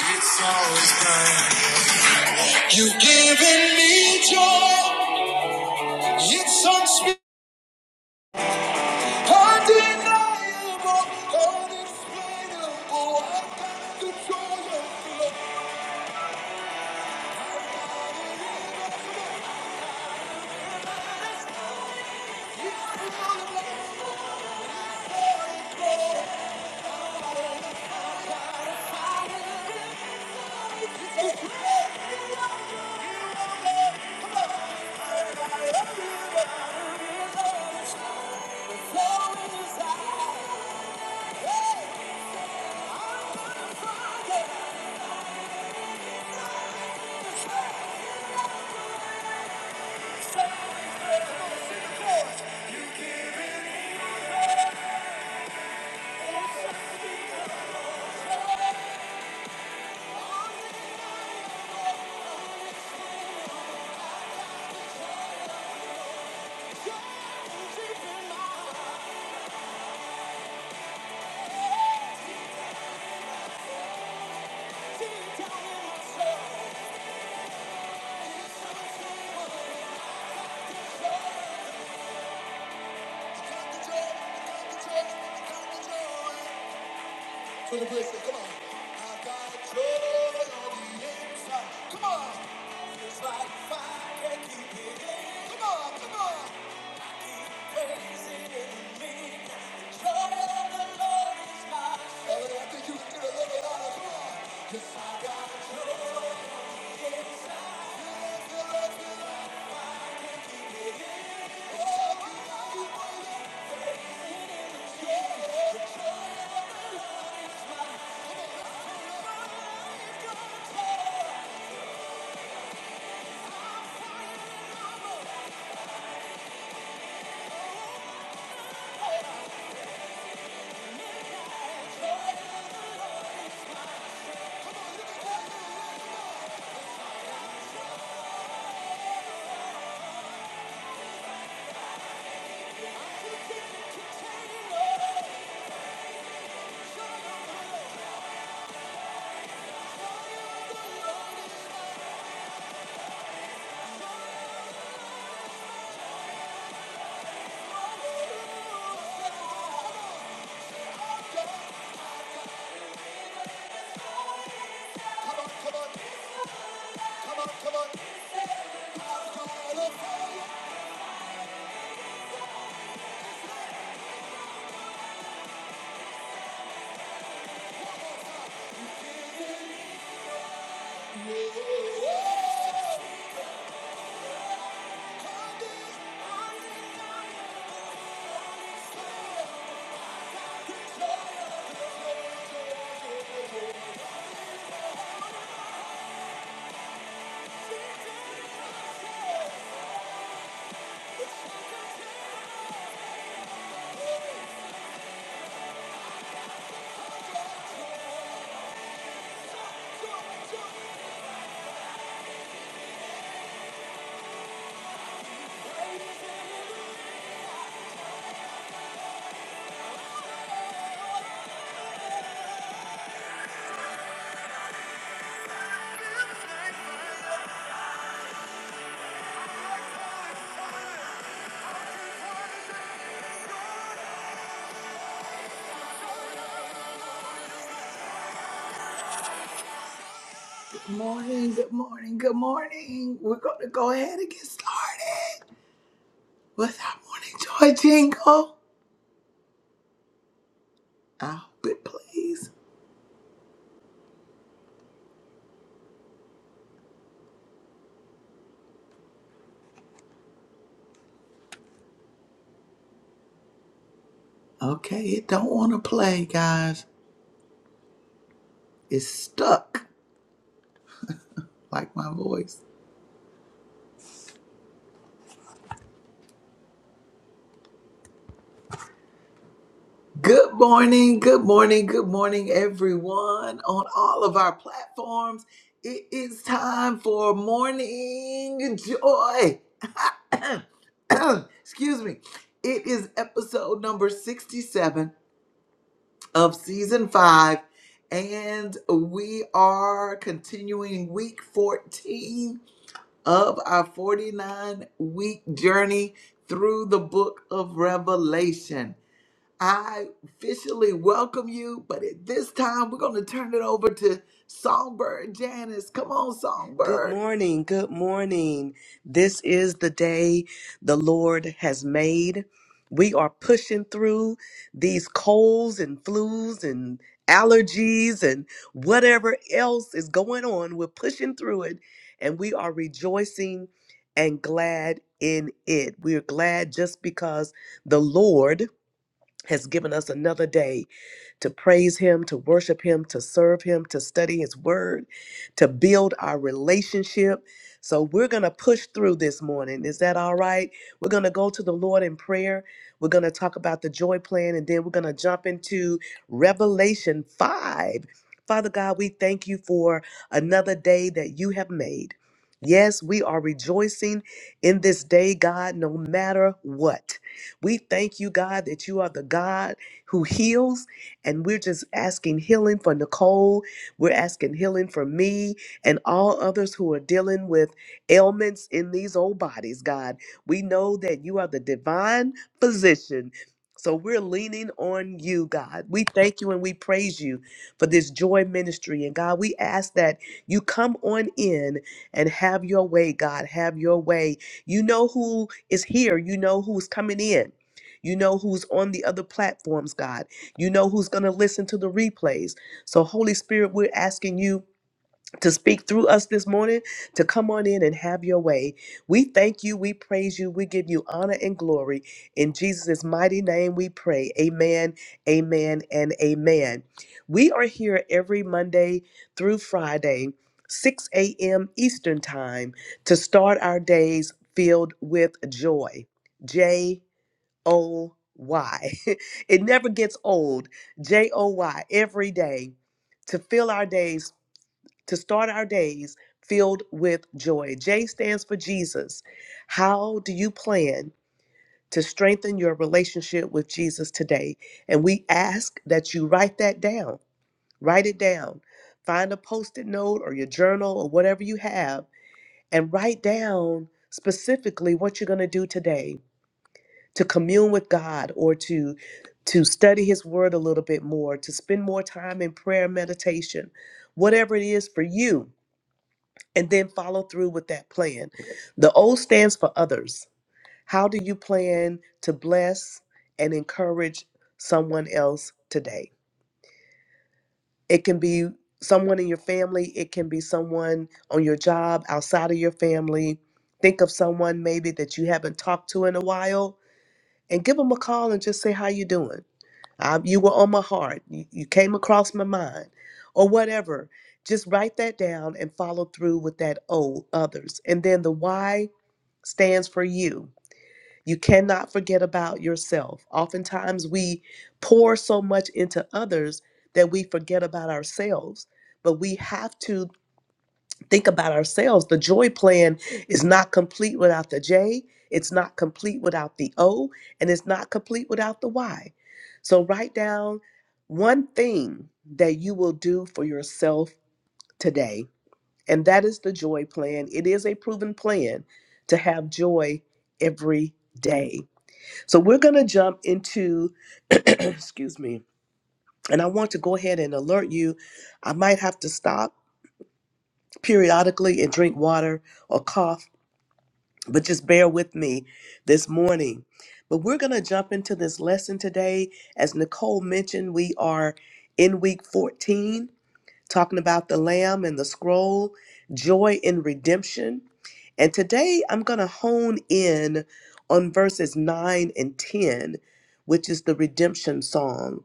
It's always kind. You've given me joy. It's unspeakable, undeniable, unexplainable. Good morning, good morning, good morning. We're going to go ahead and get started with our morning joy jingle. I hope it plays. Okay, it don't want to play, guys. It's stuck, like my voice. Good morning, good morning, good morning, everyone on all of our platforms. It is time for morning joy. Excuse me. It is episode number 67 of season five, and we are continuing week 14 of our 49 week journey through the book of Revelation. I officially welcome you, but at this time, we're going to turn it over to Songbird Janice. Come on, Good Songbird. morning. Good morning. This is the day the Lord has made. We are pushing through these colds and flus and allergies and whatever else is going on. We're pushing through it and we are rejoicing and glad in it. We're glad just because the Lord has given us another day to praise Him, to worship Him, to serve Him, to study His Word, to build our relationship. So we're going to push through this morning. Is that all right? We're going to go to the Lord in prayer. We're going to talk about the joy plan, and then we're going to jump into Revelation 5. Father God, we thank you for another day that you have made. Yes, we are rejoicing in this day, God, no matter what. We thank you, God, that you are the God who heals. And we're just asking healing for Nicole. We're asking healing for me and all others who are dealing with ailments in these old bodies, God. We know that you are the divine physician. So we're leaning on you, God. We thank you and we praise you for this joy ministry. And God, we ask that you come on in and have your way, God. Have your way. You know who is here. You know who's coming in. You know who's on the other platforms, God. You know who's going to listen to the replays. So, Holy Spirit, we're asking you to speak through us this morning, to come on in and have your way. We thank you. We praise you. We give you honor and glory. In Jesus' mighty name, we pray. Amen, amen, and amen. We are here every Monday through Friday, 6 a.m. Eastern Time, to start our days filled with joy. J. O Y. it never gets old. J O Y every day to fill our days, to start our days filled with joy. J stands for Jesus. How do you plan to strengthen your relationship with Jesus today? And we ask that you write that down. Write it down. Find a post it note or your journal or whatever you have and write down specifically what you're going to do today to commune with God or to to study his word a little bit more, to spend more time in prayer and meditation, whatever it is for you, and then follow through with that plan. The O stands for others. How do you plan to bless and encourage someone else today? It can be someone in your family, it can be someone on your job, outside of your family. Think of someone maybe that you haven't talked to in a while and give them a call and just say how you doing I, you were on my heart. You, you came across my mind, or whatever. Just write that down and follow through with that O, others. And then the Y stands for you. You cannot forget about yourself. Oftentimes we pour so much into others that we forget about ourselves, but we have to think about ourselves. The joy plan is not complete without the J, it's not complete without the O, and it's not complete without the Y. So write down one thing that you will do for yourself today, and that is the joy plan. It is a proven plan to have joy every day. So we're going to jump into, excuse me, and I want to go ahead and alert you. I might have to stop periodically and drink water or cough but just bear with me this morning. But we're going to jump into this lesson today. As Nicole mentioned, we are in week 14, talking about the Lamb and the scroll, joy in redemption. And today I'm going to hone in on verses 9 and 10, which is the redemption song.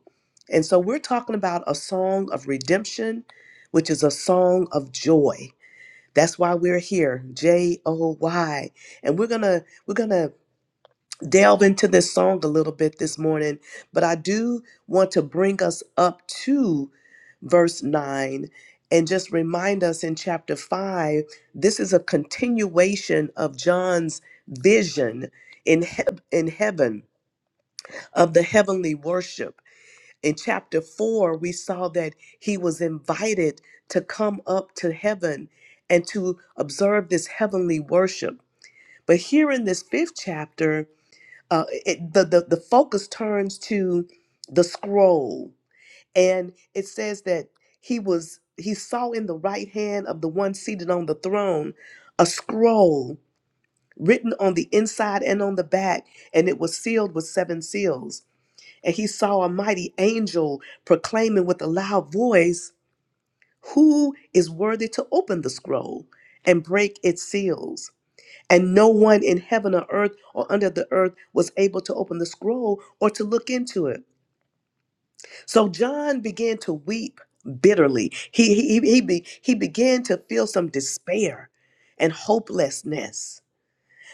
And so we're talking about a song of redemption, which is a song of joy. That's why we're here, J O Y. And we're going to we're going to delve into this song a little bit this morning, but I do want to bring us up to verse 9 and just remind us in chapter 5 this is a continuation of John's vision in he- in heaven of the heavenly worship in chapter 4, we saw that he was invited to come up to heaven and to observe this heavenly worship. But here in this fifth chapter, uh, it, the, the, the focus turns to the scroll. And it says that he was he saw in the right hand of the one seated on the throne a scroll written on the inside and on the back, and it was sealed with seven seals and he saw a mighty angel proclaiming with a loud voice, Who is worthy to open the scroll and break its seals? And no one in heaven or earth or under the earth was able to open the scroll or to look into it. So John began to weep bitterly. He, he, he, he be, he began to feel some despair and hopelessness.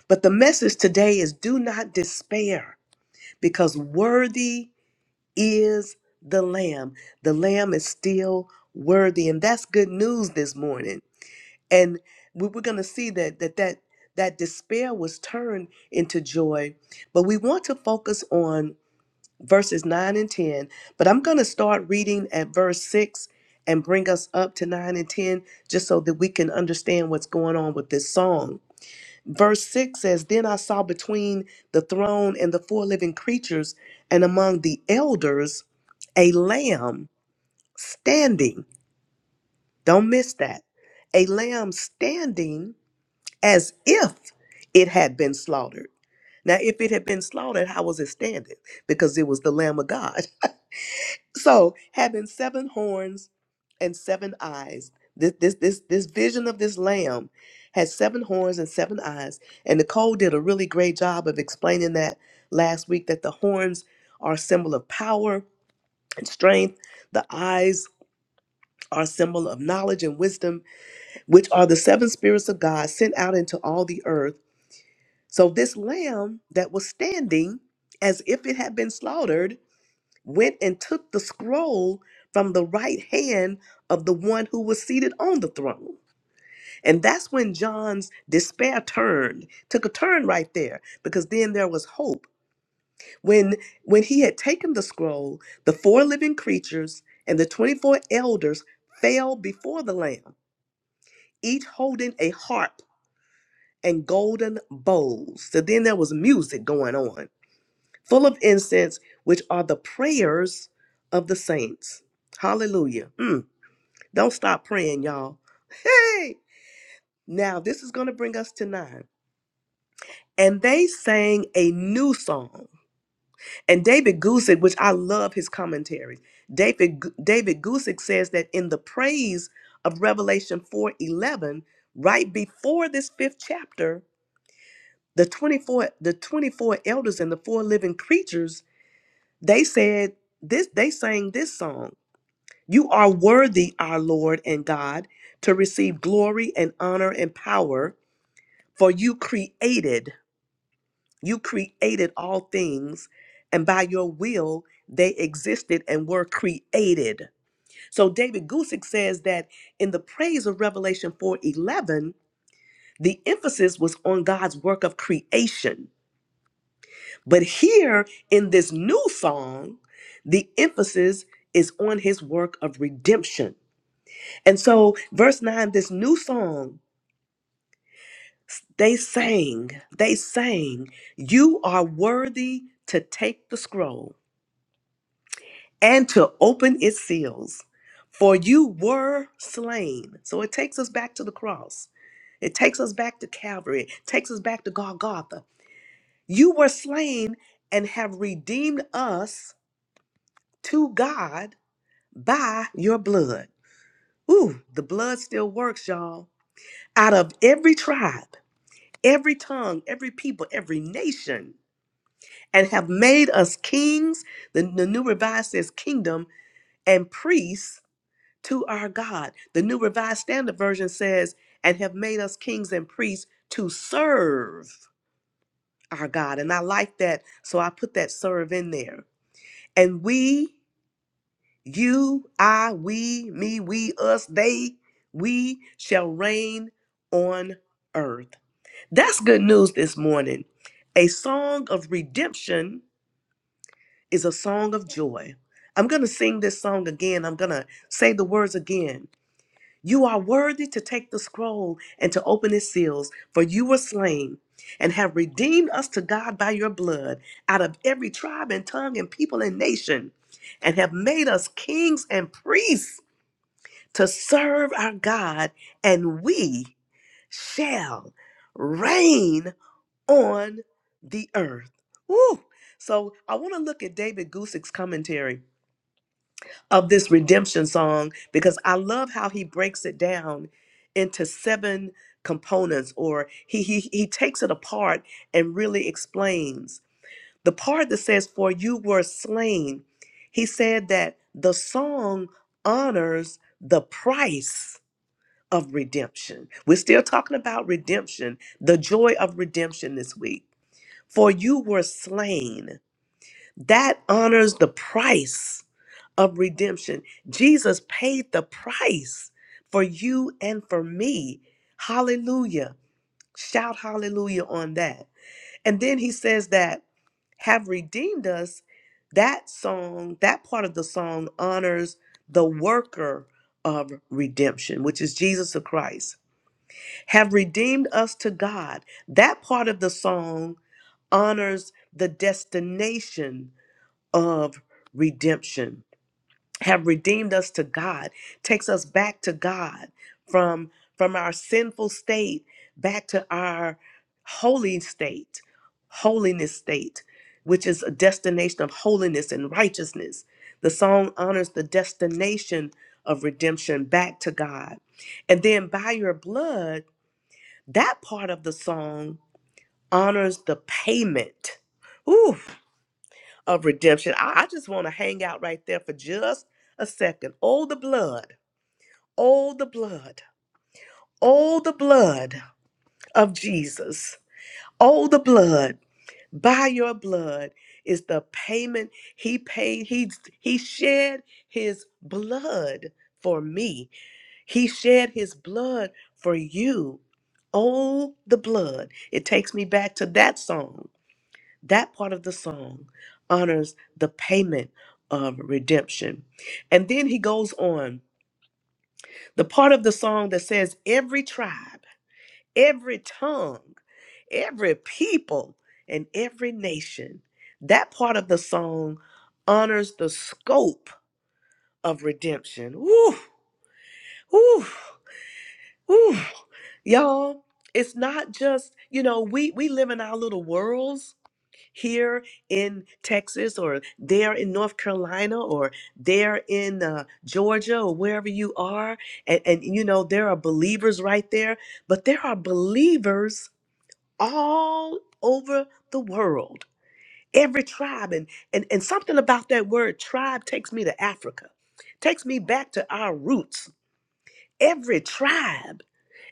But the message today is do not despair because worthy is the Lamb. The Lamb is still worthy, and that's good news this morning. And we are going to see that that that that despair was turned into joy. But we want to focus on verses nine and ten. But I'm going to start reading at verse six and bring us up to nine and ten, just so that we can understand what's going on with this song. Verse 6 says, Then I saw between the throne and the four living creatures and among the elders a lamb standing. Don't miss that. A lamb standing as if it had been slaughtered. Now, if it had been slaughtered, how was it standing? Because it was the Lamb of God. So, having seven horns and seven eyes, this this this this vision of this lamb has seven horns and seven eyes. And Nicole did a really great job of explaining that last week that the horns are a symbol of power and strength. The eyes are a symbol of knowledge and wisdom, which are the seven spirits of God sent out into all the earth. So this lamb that was standing as if it had been slaughtered went and took the scroll from the right hand of the one who was seated on the throne. And that's when John's despair turned, took a turn right there, because then there was hope. When when he had taken the scroll, the four living creatures and the 24 elders fell before the lamb, each holding a harp and golden bowls. So then there was music going on, full of incense, which are the prayers of the saints. Hallelujah. Mm. Don't stop praying, y'all. Hey! Now, this is going to bring us to nine. And they sang a new song. And David Gusick, which I love his commentaries, David, David Gusick says that in the praise of Revelation 4.11, right before this fifth chapter, the 24, the 24 elders and the four living creatures, they said this, they sang this song. You are worthy, our Lord and God, to receive glory and honor and power For you created, you created all things, and by your will they existed and were created. So David Gusick says that in the praise of Revelation 4:11, the emphasis was on God's work of creation. But here in this new song, the emphasis is on his work of redemption. And so verse 9, this new song They sang, they sang, You are worthy to take the scroll and to open its seals, for you were slain. So it takes us back to the cross. It takes us back to Calvary. It takes us back to Golgotha. You were slain and have redeemed us to God by your blood. Ooh, the blood still works, y'all. Out of every tribe, every tongue, every people, every nation. and have made us kings. The, the New Revised says kingdom and priests to our God. The New Revised Standard Version says, and have made us kings and priests to serve our God. And I like that. So I put that serve in there. And we, you, I, we, me, we, us, they, we shall reign on earth. That's good news this morning. A song of redemption is a song of joy. I'm going to sing this song again. I'm going to say the words again. You are worthy to take the scroll and to open its seals, for you were slain and have redeemed us to God by your blood out of every tribe and tongue and people and nation, and have made us kings and priests to serve our God, and we shall reign on the earth. Woo! So I want to look at David Gusick's commentary of this redemption song because I love how he breaks it down into seven components or he he he takes it apart and really explains. The part that says for you were slain, he said that the song honors the price of redemption. We're still talking about redemption, the joy of redemption this week for you were slain. That honors the price of redemption. Jesus paid the price for you and for me. Hallelujah. Shout hallelujah on that. And then he says that have redeemed us. That song, that part of the song honors the worker of redemption, which is Jesus the Christ. Have redeemed us to God. That part of the song honors the destination of redemption have redeemed us to god takes us back to god from from our sinful state back to our holy state holiness state which is a destination of holiness and righteousness the song honors the destination of redemption back to god and then by your blood that part of the song honors the payment Ooh of redemption. I, I just want to hang out right there for just a second. Oh, the blood. Oh, the blood. Oh, the blood of Jesus. Oh, the blood. By your blood is the payment he paid. He, he shed his blood for me, he shed his blood for you. Oh, the blood. It takes me back to that song That part of the song honors the payment of redemption. And then he goes on the part of the song that says, Every tribe, every tongue, every people, and every nation. That part of the song honors the scope of redemption. Woo, woo, woo. Y'all, it's not just, you know, we, we live in our little worlds here in Texas or there in North Carolina or there in uh, Georgia or wherever you are. And, and, you know, there are believers right there, but there are believers all over the world, every tribe. And, and, and something about that word tribe takes me to Africa, takes me back to our roots. Every tribe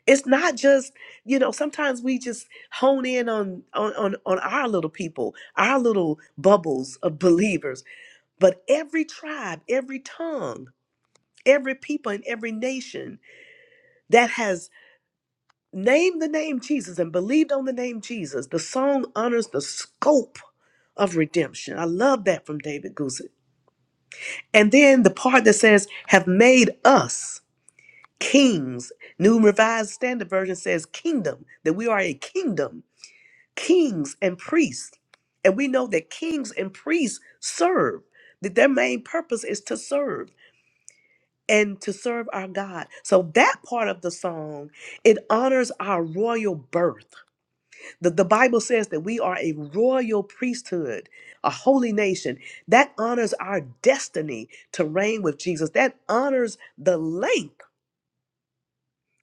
it's not just you know sometimes we just hone in on on on, on our little people our little bubbles of believers but every tribe every tongue every people and every nation that has named the name jesus and believed on the name jesus the song honors the scope of redemption i love that from david guzik and then the part that says have made us kings new revised standard version says kingdom that we are a kingdom kings and priests. And we know that kings and priests serve, that their main purpose is to serve and to serve our God. So that part of the song, it honors our royal birth. The, the Bible says that we are a royal priesthood, a holy nation. That honors our destiny to reign with Jesus. That honors the length,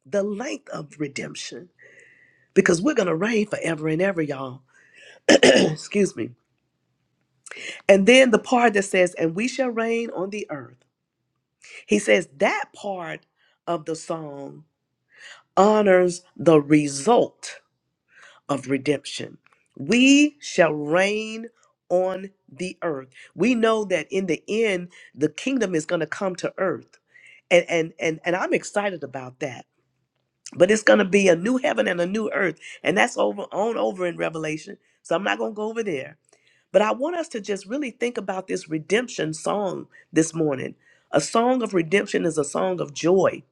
the length of redemption, because we're going to reign forever and ever, y'all. Excuse me. And then the part that says, and we shall reign on the earth. He says that part of the song honors the result of redemption. We shall reign on the earth. We know that in the end, the kingdom is going to come to earth. And, and and and I'm excited about that. But it's going to be a new heaven and a new earth. And that's over on over in Revelation. So I'm not going to go over there But I want us to just really think about this redemption song this morning. A song of redemption is a song of joy.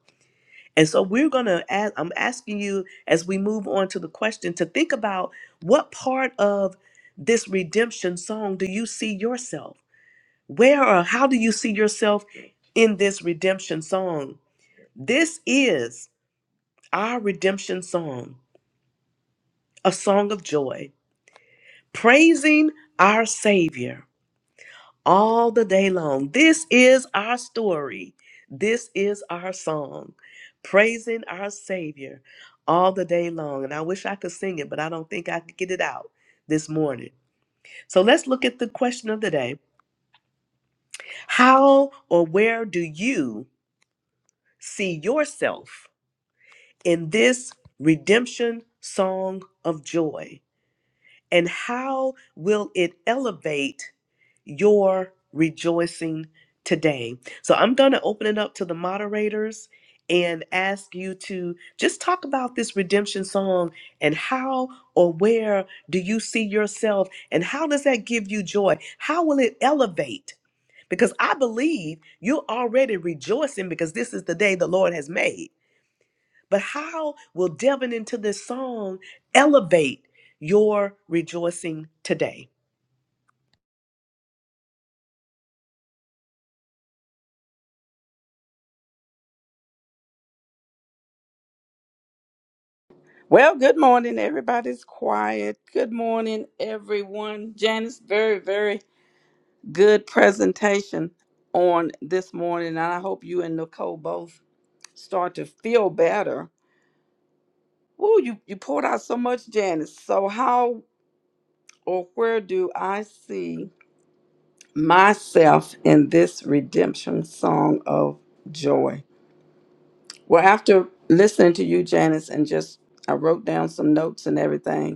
And so we're going to ask, I'm asking you as we move on to the question to think about what part of this redemption song do you see yourself? Where or how do you see yourself in this redemption song? This is our redemption song, a song of joy, praising our Savior all the day long. This is our story. This is our song, praising our Savior all the day long. And I wish I could sing it, but I don't think I could get it out this morning. So let's look at the question of the day How or where do you see yourself in this redemption song of joy? And how will it elevate? your rejoicing today. So I'm going to open it up to the moderators and ask you to just talk about this redemption song and how or where do you see yourself and how does that give you joy? How will it elevate? Because I believe you're already rejoicing because this is the day the Lord has made. But how will delving into this song elevate your rejoicing today? Well, good morning. Everybody's quiet. Good morning, everyone. Janice, very, very good presentation on this morning. And I hope you and Nicole both start to feel better. Woo, you, you poured out so much, Janice. So, how or where do I see myself in this redemption song of joy? Well, after listening to you, Janice, and just I wrote down some notes and everything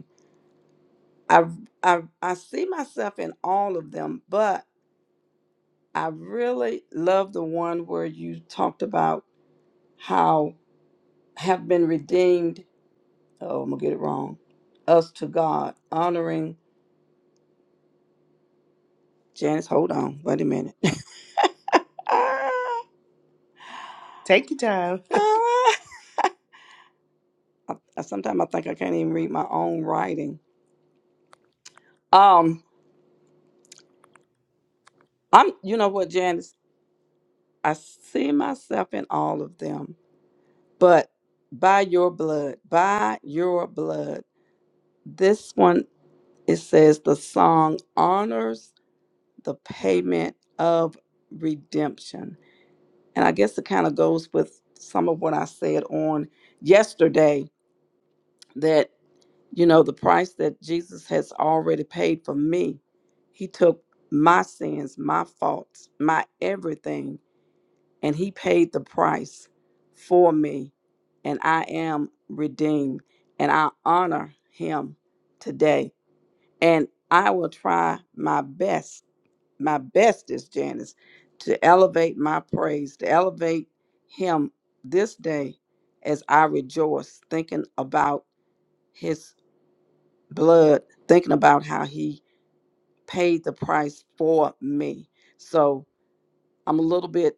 I I I see myself in all of them, but I really love the one where you talked about how have been redeemed. Oh, I'm gonna get it wrong. Us to God, honoring Janice. Hold on, wait a minute. ah, Take your time. ah. I, I sometimes I think I can't even read my own writing. Um, I'm you know what, Janice? I see myself in all of them, but by your blood, by your blood. This one It says the song honors the payment of redemption. And I guess it kind of goes with some of what I said on yesterday that, you know, the price that Jesus has already paid for me, he took my sins, my faults, my everything, and he paid the price for me. And I am redeemed. And I honor him today. And I will try my best my best is Janice to elevate my praise, to elevate him this day as I rejoice, thinking about his blood, thinking about how he paid the price for me. So I'm a little bit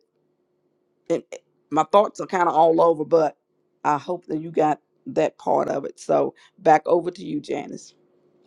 and eh, my thoughts are kind of all over, but I hope that you got that part of it. So back over to you, Janice.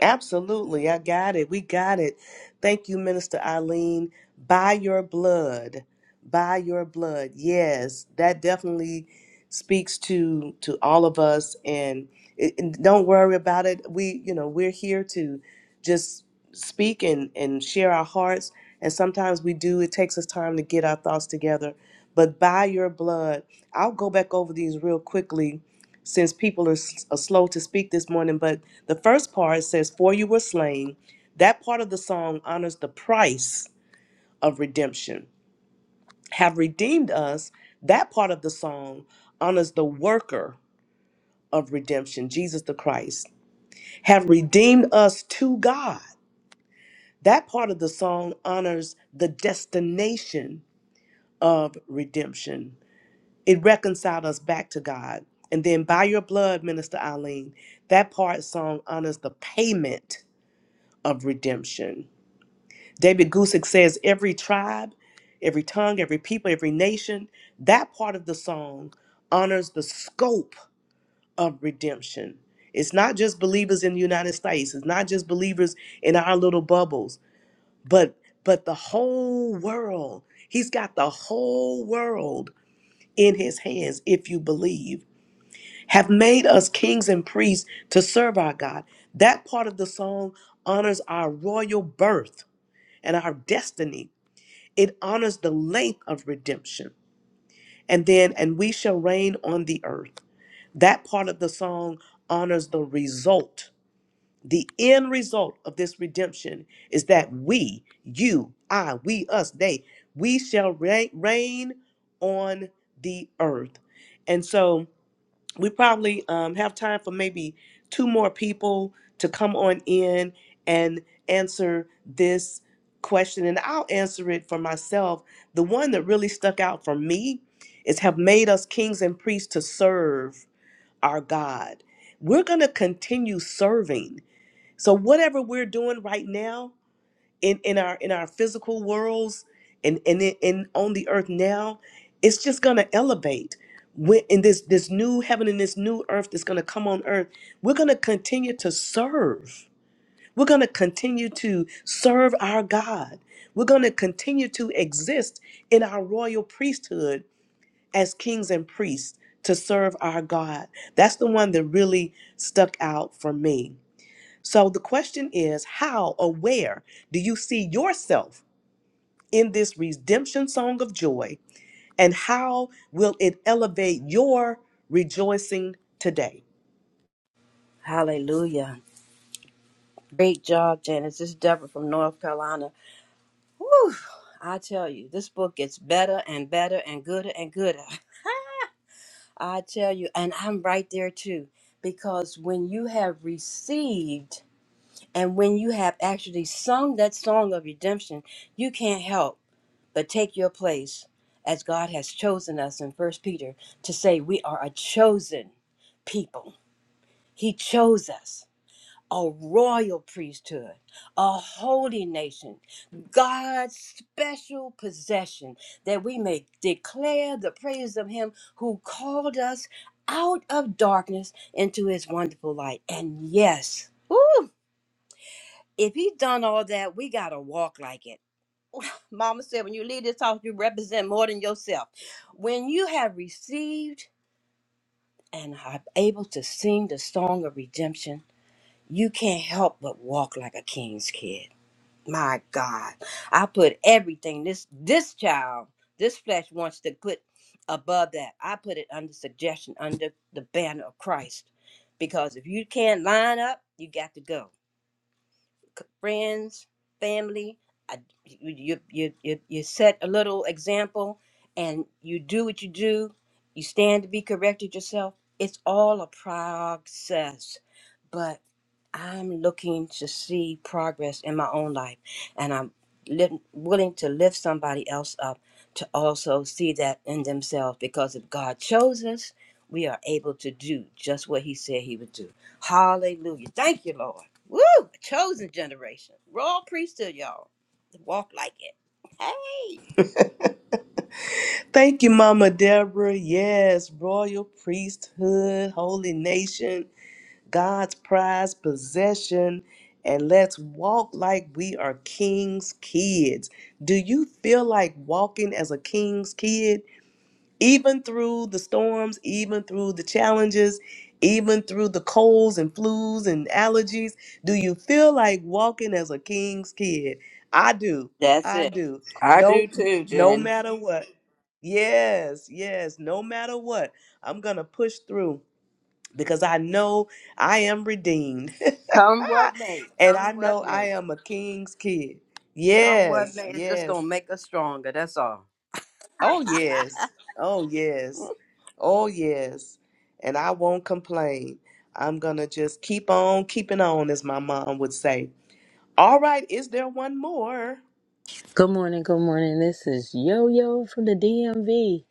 Absolutely. I got it. We got it. Thank you, Minister Eileen. By your blood. By your blood. Yes, that definitely speaks to to all of us and, it- and don't worry about it. We, you know, we're here to just speak and and share our hearts and sometimes we do it takes us time to get our thoughts together. But by your blood, I'll go back over these real quickly since people are, s- are slow to speak this morning, but the first part says, For you were slain. That part of the song honors the price of redemption. Have redeemed us. That part of the song honors the worker of redemption, Jesus the Christ. Have redeemed us to God. That part of the song honors the destination of redemption. It reconciled us back to God. And then by your blood, Minister Eileen, that part song honors the payment of redemption David Gusick says every tribe, every tongue, every people, every nation, that part of the song honors the scope of redemption. It's not just believers in the United States, it's not just believers in our little bubbles, but but the whole world. He's got the whole world in his hands if you believe. Have made us kings and priests to serve our God. That part of the song honors our royal birth and our destiny it honors the length of redemption. And then, and we shall reign on the earth. That part of the song honors the result. The end result of this redemption is that we, you, I, we, us, they, we shall reign, reign on the earth. And so, we probably um, have time for maybe two more people to come on in and answer this question and i'll answer it for myself the one that really stuck out for me is have made us kings and priests to serve our god we're going to continue serving so whatever we're doing right now in in our in our physical worlds and and in, in on the earth now it's just going to elevate when in this this new heaven and this new earth that's going to come on earth we're going to continue to serve we're going to continue to serve our god we're going to continue to exist in our royal priesthood as kings and priests to serve our god that's the one that really stuck out for me so the question is how or where do you see yourself in this redemption song of joy? And how will it elevate your rejoicing today? Hallelujah. Great job, Janice. This is Deborah from North Carolina. Whew, I tell you, this book gets better and better and gooder and gooder. I tell you, and I'm right there too, because when you have received and when you have actually sung that song of redemption, you can't help but take your place as God has chosen us in First Peter to say we are a chosen people. He chose us. a royal priesthood, a holy nation, God's special possession, that we may declare the praise of Him who called us out of darkness into His wonderful light. And yes, woo, if He's done all that, we got to walk like it. Mama said, when you leave this house, you represent more than yourself. When you have received and are able to sing the song of redemption, you can't help but walk like a king's kid my god i put everything this this child this flesh wants to put above that i put it under suggestion under the banner of christ because if you can't line up you got to go friends, family. I, you, you, you, you set a little example and you do what you do. You stand to be corrected yourself. It's all a process, but I'm looking to see progress in my own life. And I'm li- willing to lift somebody else up to also see that in themselves because if God chose us, we are able to do just what He said He would do. Hallelujah. Thank you, Lord. Woo! A chosen generation. Royal priesthood, y'all. Walk like it. Hey! Thank you, Mama Deborah. Yes, royal priesthood, holy nation, God's prized possession. And let's walk like we are king's kids. Do you feel like walking as a king's kid? even through the storms, even through the challenges, even through the colds and flus and allergies? Do you feel like walking as a king's kid? I do. That's I it. do. I do No too, no Janice. matter what. Yes, yes, no matter what. I'm going to push through because I know I am redeemed Come what may. and I Come what know I may. am a king's kid. Come what Yes, may. It's just yes. going to make us stronger. That's all. Oh, yes. Oh, yes. Oh, yes. And I won't complain. I'm going to just keep on keeping on, as my mom would say. All right, is there one more? Good morning, good morning. This is Yo Yo from the DMV.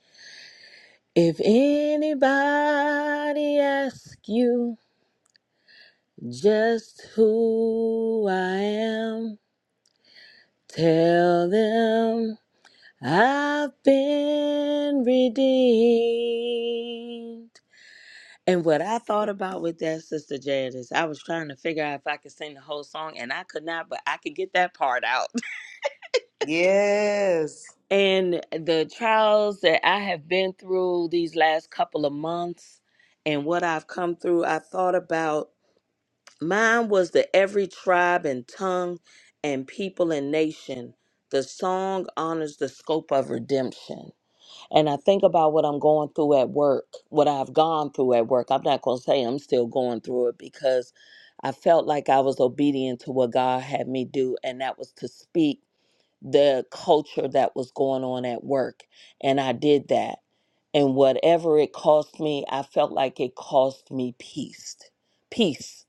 If anybody asks you just who I am, tell them I've been redeemed. And what I thought about with that, Sister Janice, I was trying to figure out if I could sing the whole song, and I could not, but I could get that part out. Yes. and the trials that I have been through these last couple of months and what I've come through, I thought about mine was the every tribe and tongue and people and nation. The song honors the scope of redemption. And I think about what I'm going through at work, what I've gone through at work. I'm not going to say I'm still going through it because I felt like I was obedient to what God had me do, and that was to speak the culture that was going on at work. And I did that. And whatever it cost me, I felt like it cost me peace. Peace.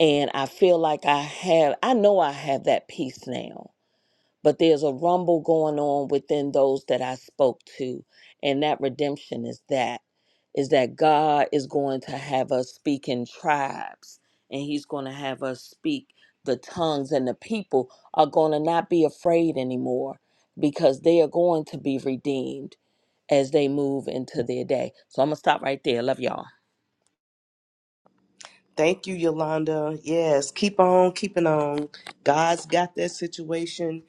And I feel like I have, I know I have that peace now but there's a rumble going on within those that I spoke to. And that redemption is that is that God is going to have us speak in tribes and he's going to have us speak the tongues and the people are going to not be afraid anymore because they are going to be redeemed as they move into their day. So I'm going to stop right there. Love y'all. Thank you, Yolanda. Yes, keep on keeping on. God's got that situation.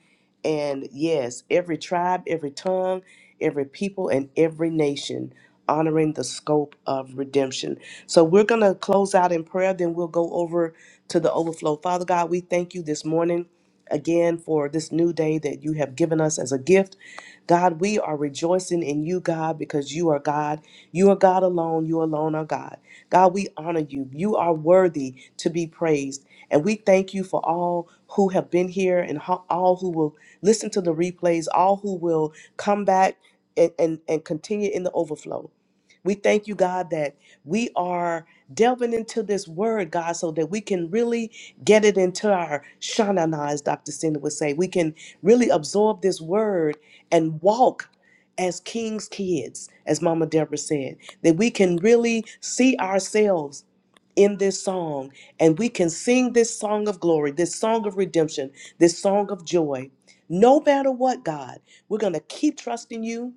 And yes, every tribe, every tongue, every people, and every nation honoring the scope of redemption. So we're going to close out in prayer, then we'll go over to the overflow. Father God, we thank you this morning again for this new day that you have given us as a gift. God, we are rejoicing in you, God, because you are God. You are God alone. You alone are God. God, we honor you. You are worthy to be praised. And we thank you for all who have been here and ho- all who will listen to the replays, all who will come back and, and, and continue in the overflow. We thank you, God, that we are delving into this word, God, so that we can really get it into our shanana, as Dr. Cindy would say. We can really absorb this word and walk as king's kids, as Mama Deborah said, that we can really see ourselves in this song and we can sing this song of glory, this song of redemption, this song of joy. No matter what, God, we're going to keep trusting you.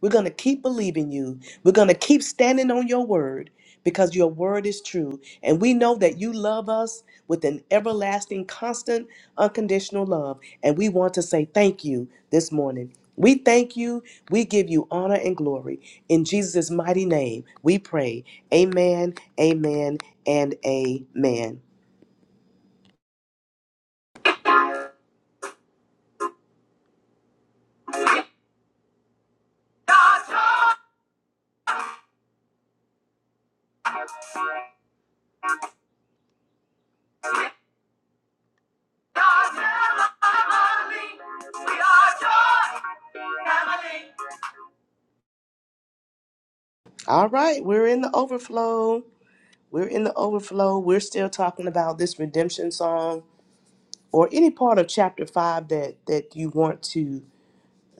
We're going to keep believing you. We're going to keep standing on your word because your word is true. And we know that you love us with an everlasting, constant, unconditional love. And we want to say thank you this morning. We thank you. We give you honor and glory. In Jesus' mighty name, we pray. Amen, amen, and amen. All right, we're in the overflow. We're in the overflow. We're still talking about this redemption song or any part of chapter five that that you want to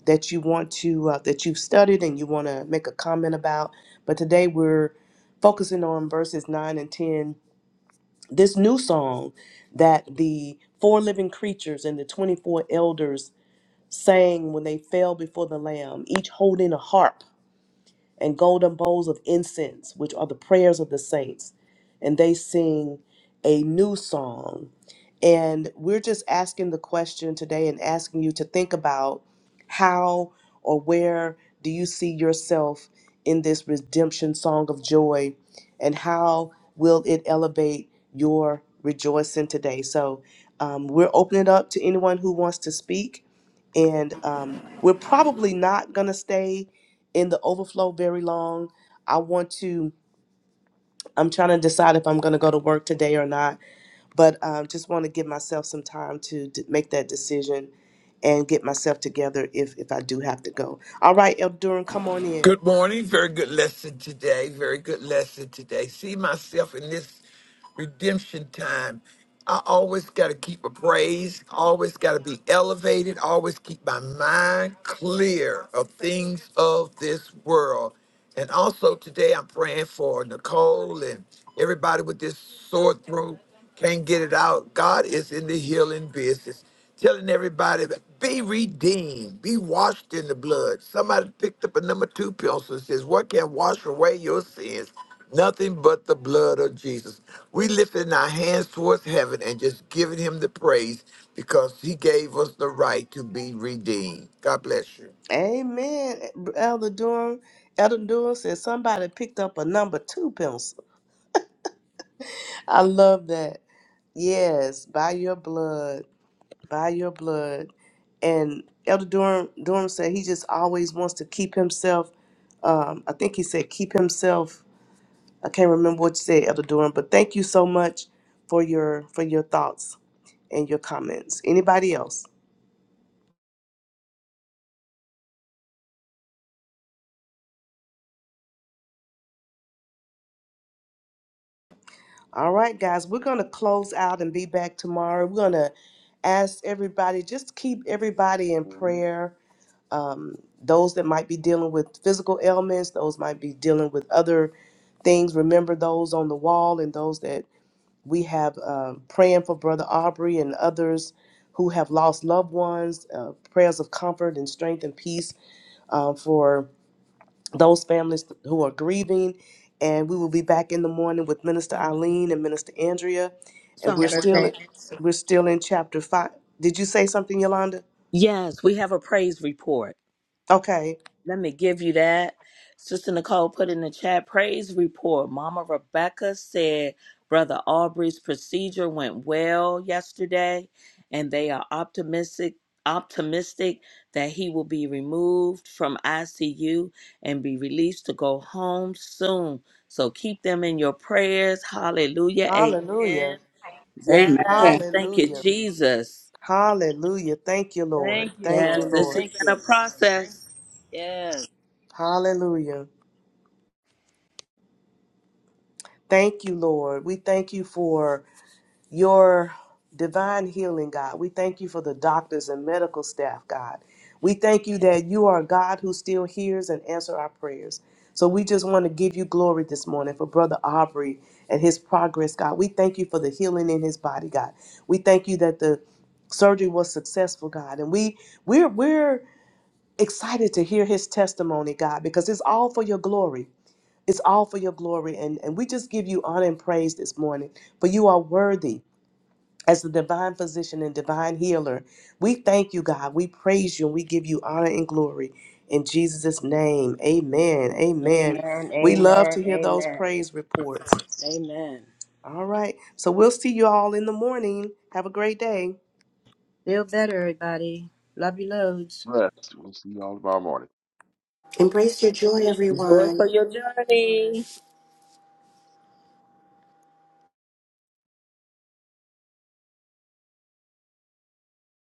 that you want to uh, that you've studied and you want to make a comment about. But today we're focusing on verses nine and ten. This new song that the four living creatures and the twenty-four elders sang when they fell before the Lamb, each holding a harp and golden bowls of incense, which are the prayers of the saints. And they sing a new song. And we're just asking the question today and asking you to think about how or where do you see yourself in this redemption song of joy and how will it elevate your rejoicing today? So um, we're opening it up to anyone who wants to speak. And um, we're probably not going to stay in the overflow very long. I want to, I'm trying to decide if I'm going to go to work today or not, but um, just want to give myself some time to d- make that decision and get myself together if, if I do have to go. All right, El Duran, come on in. Good morning. Very good lesson today. Very good lesson today. See myself in this redemption time. I always got to keep a praise, always got to be elevated, always keep my mind clear of things of this world. And also today, I'm praying for Nicole and everybody with this sore throat, can't get it out. God is in the healing business telling everybody that be redeemed, be washed in the blood. Somebody picked up a number two pencil and says, What can wash away your sins? Nothing but the blood of Jesus. We lifting our hands towards heaven and just giving him the praise because he gave us the right to be redeemed. God bless you. Amen. Elder Durham, Elder Durham says somebody picked up a number two pencil. I love that. Yes, by your blood. by your blood. And Elder Durham, Durham said he just always wants to keep himself. Um, I think he said keep himself. I can't remember what you said, Elder Durham. But thank you so much for your for your thoughts and your comments. Anybody else? All right, guys, we're gonna close out and be back tomorrow. We're gonna ask everybody just keep everybody in prayer. Um, those that might be dealing with physical ailments, those might be dealing with other things. Remember those on the wall and those that We have um, praying for Brother Aubrey and others who have lost loved ones, uh, prayers of comfort and strength and peace uh, for those families who are grieving. And we will be back in the morning with Minister Eileen and Minister Andrea. And Song, we're still Roxanne. we're still in chapter five. Did you say something, Yolanda? Yes, we have a praise report. Okay. Let me give you that. Sister Nicole put in the chat praise report. Mama Rebecca said Brother Aubrey's procedure went well yesterday, and they are optimistic optimistic that he will be removed from ICU and be released to go home soon. So keep them in your prayers. Hallelujah. Amen. Hallelujah. Yes. Amen. Thank you, Hallelujah. Jesus. Hallelujah. Thank you, Lord. Thank you, Thank Yes, you, Lord. this has Lord. Thank been a you. process. Yes. Hallelujah. Thank you, Lord. We thank you for your divine healing, God. We thank you for the doctors and medical staff, God. We thank you that you are a God who still hears and answers our prayers. So we just want to give you glory this morning for Brother Aubrey and his progress, God. We thank you for the healing in his body, God. We thank you that the surgery was successful, God. And we we're we're excited to hear his testimony, God, because it's all for your glory. It's all for your glory. And and we just give you honor and praise this morning. For you are worthy as the divine physician and divine healer. We thank you, God. We praise you and we give you honor and glory in Jesus' name. Amen. Amen. Amen. We love Amen. to hear those Amen. praise reports. Amen. All right. So we'll see you all in the morning. Have a great day. Feel better, everybody. Love you loads. rest. We'll see y'all tomorrow morning. Embrace your joy, Joy everyone. for your journey.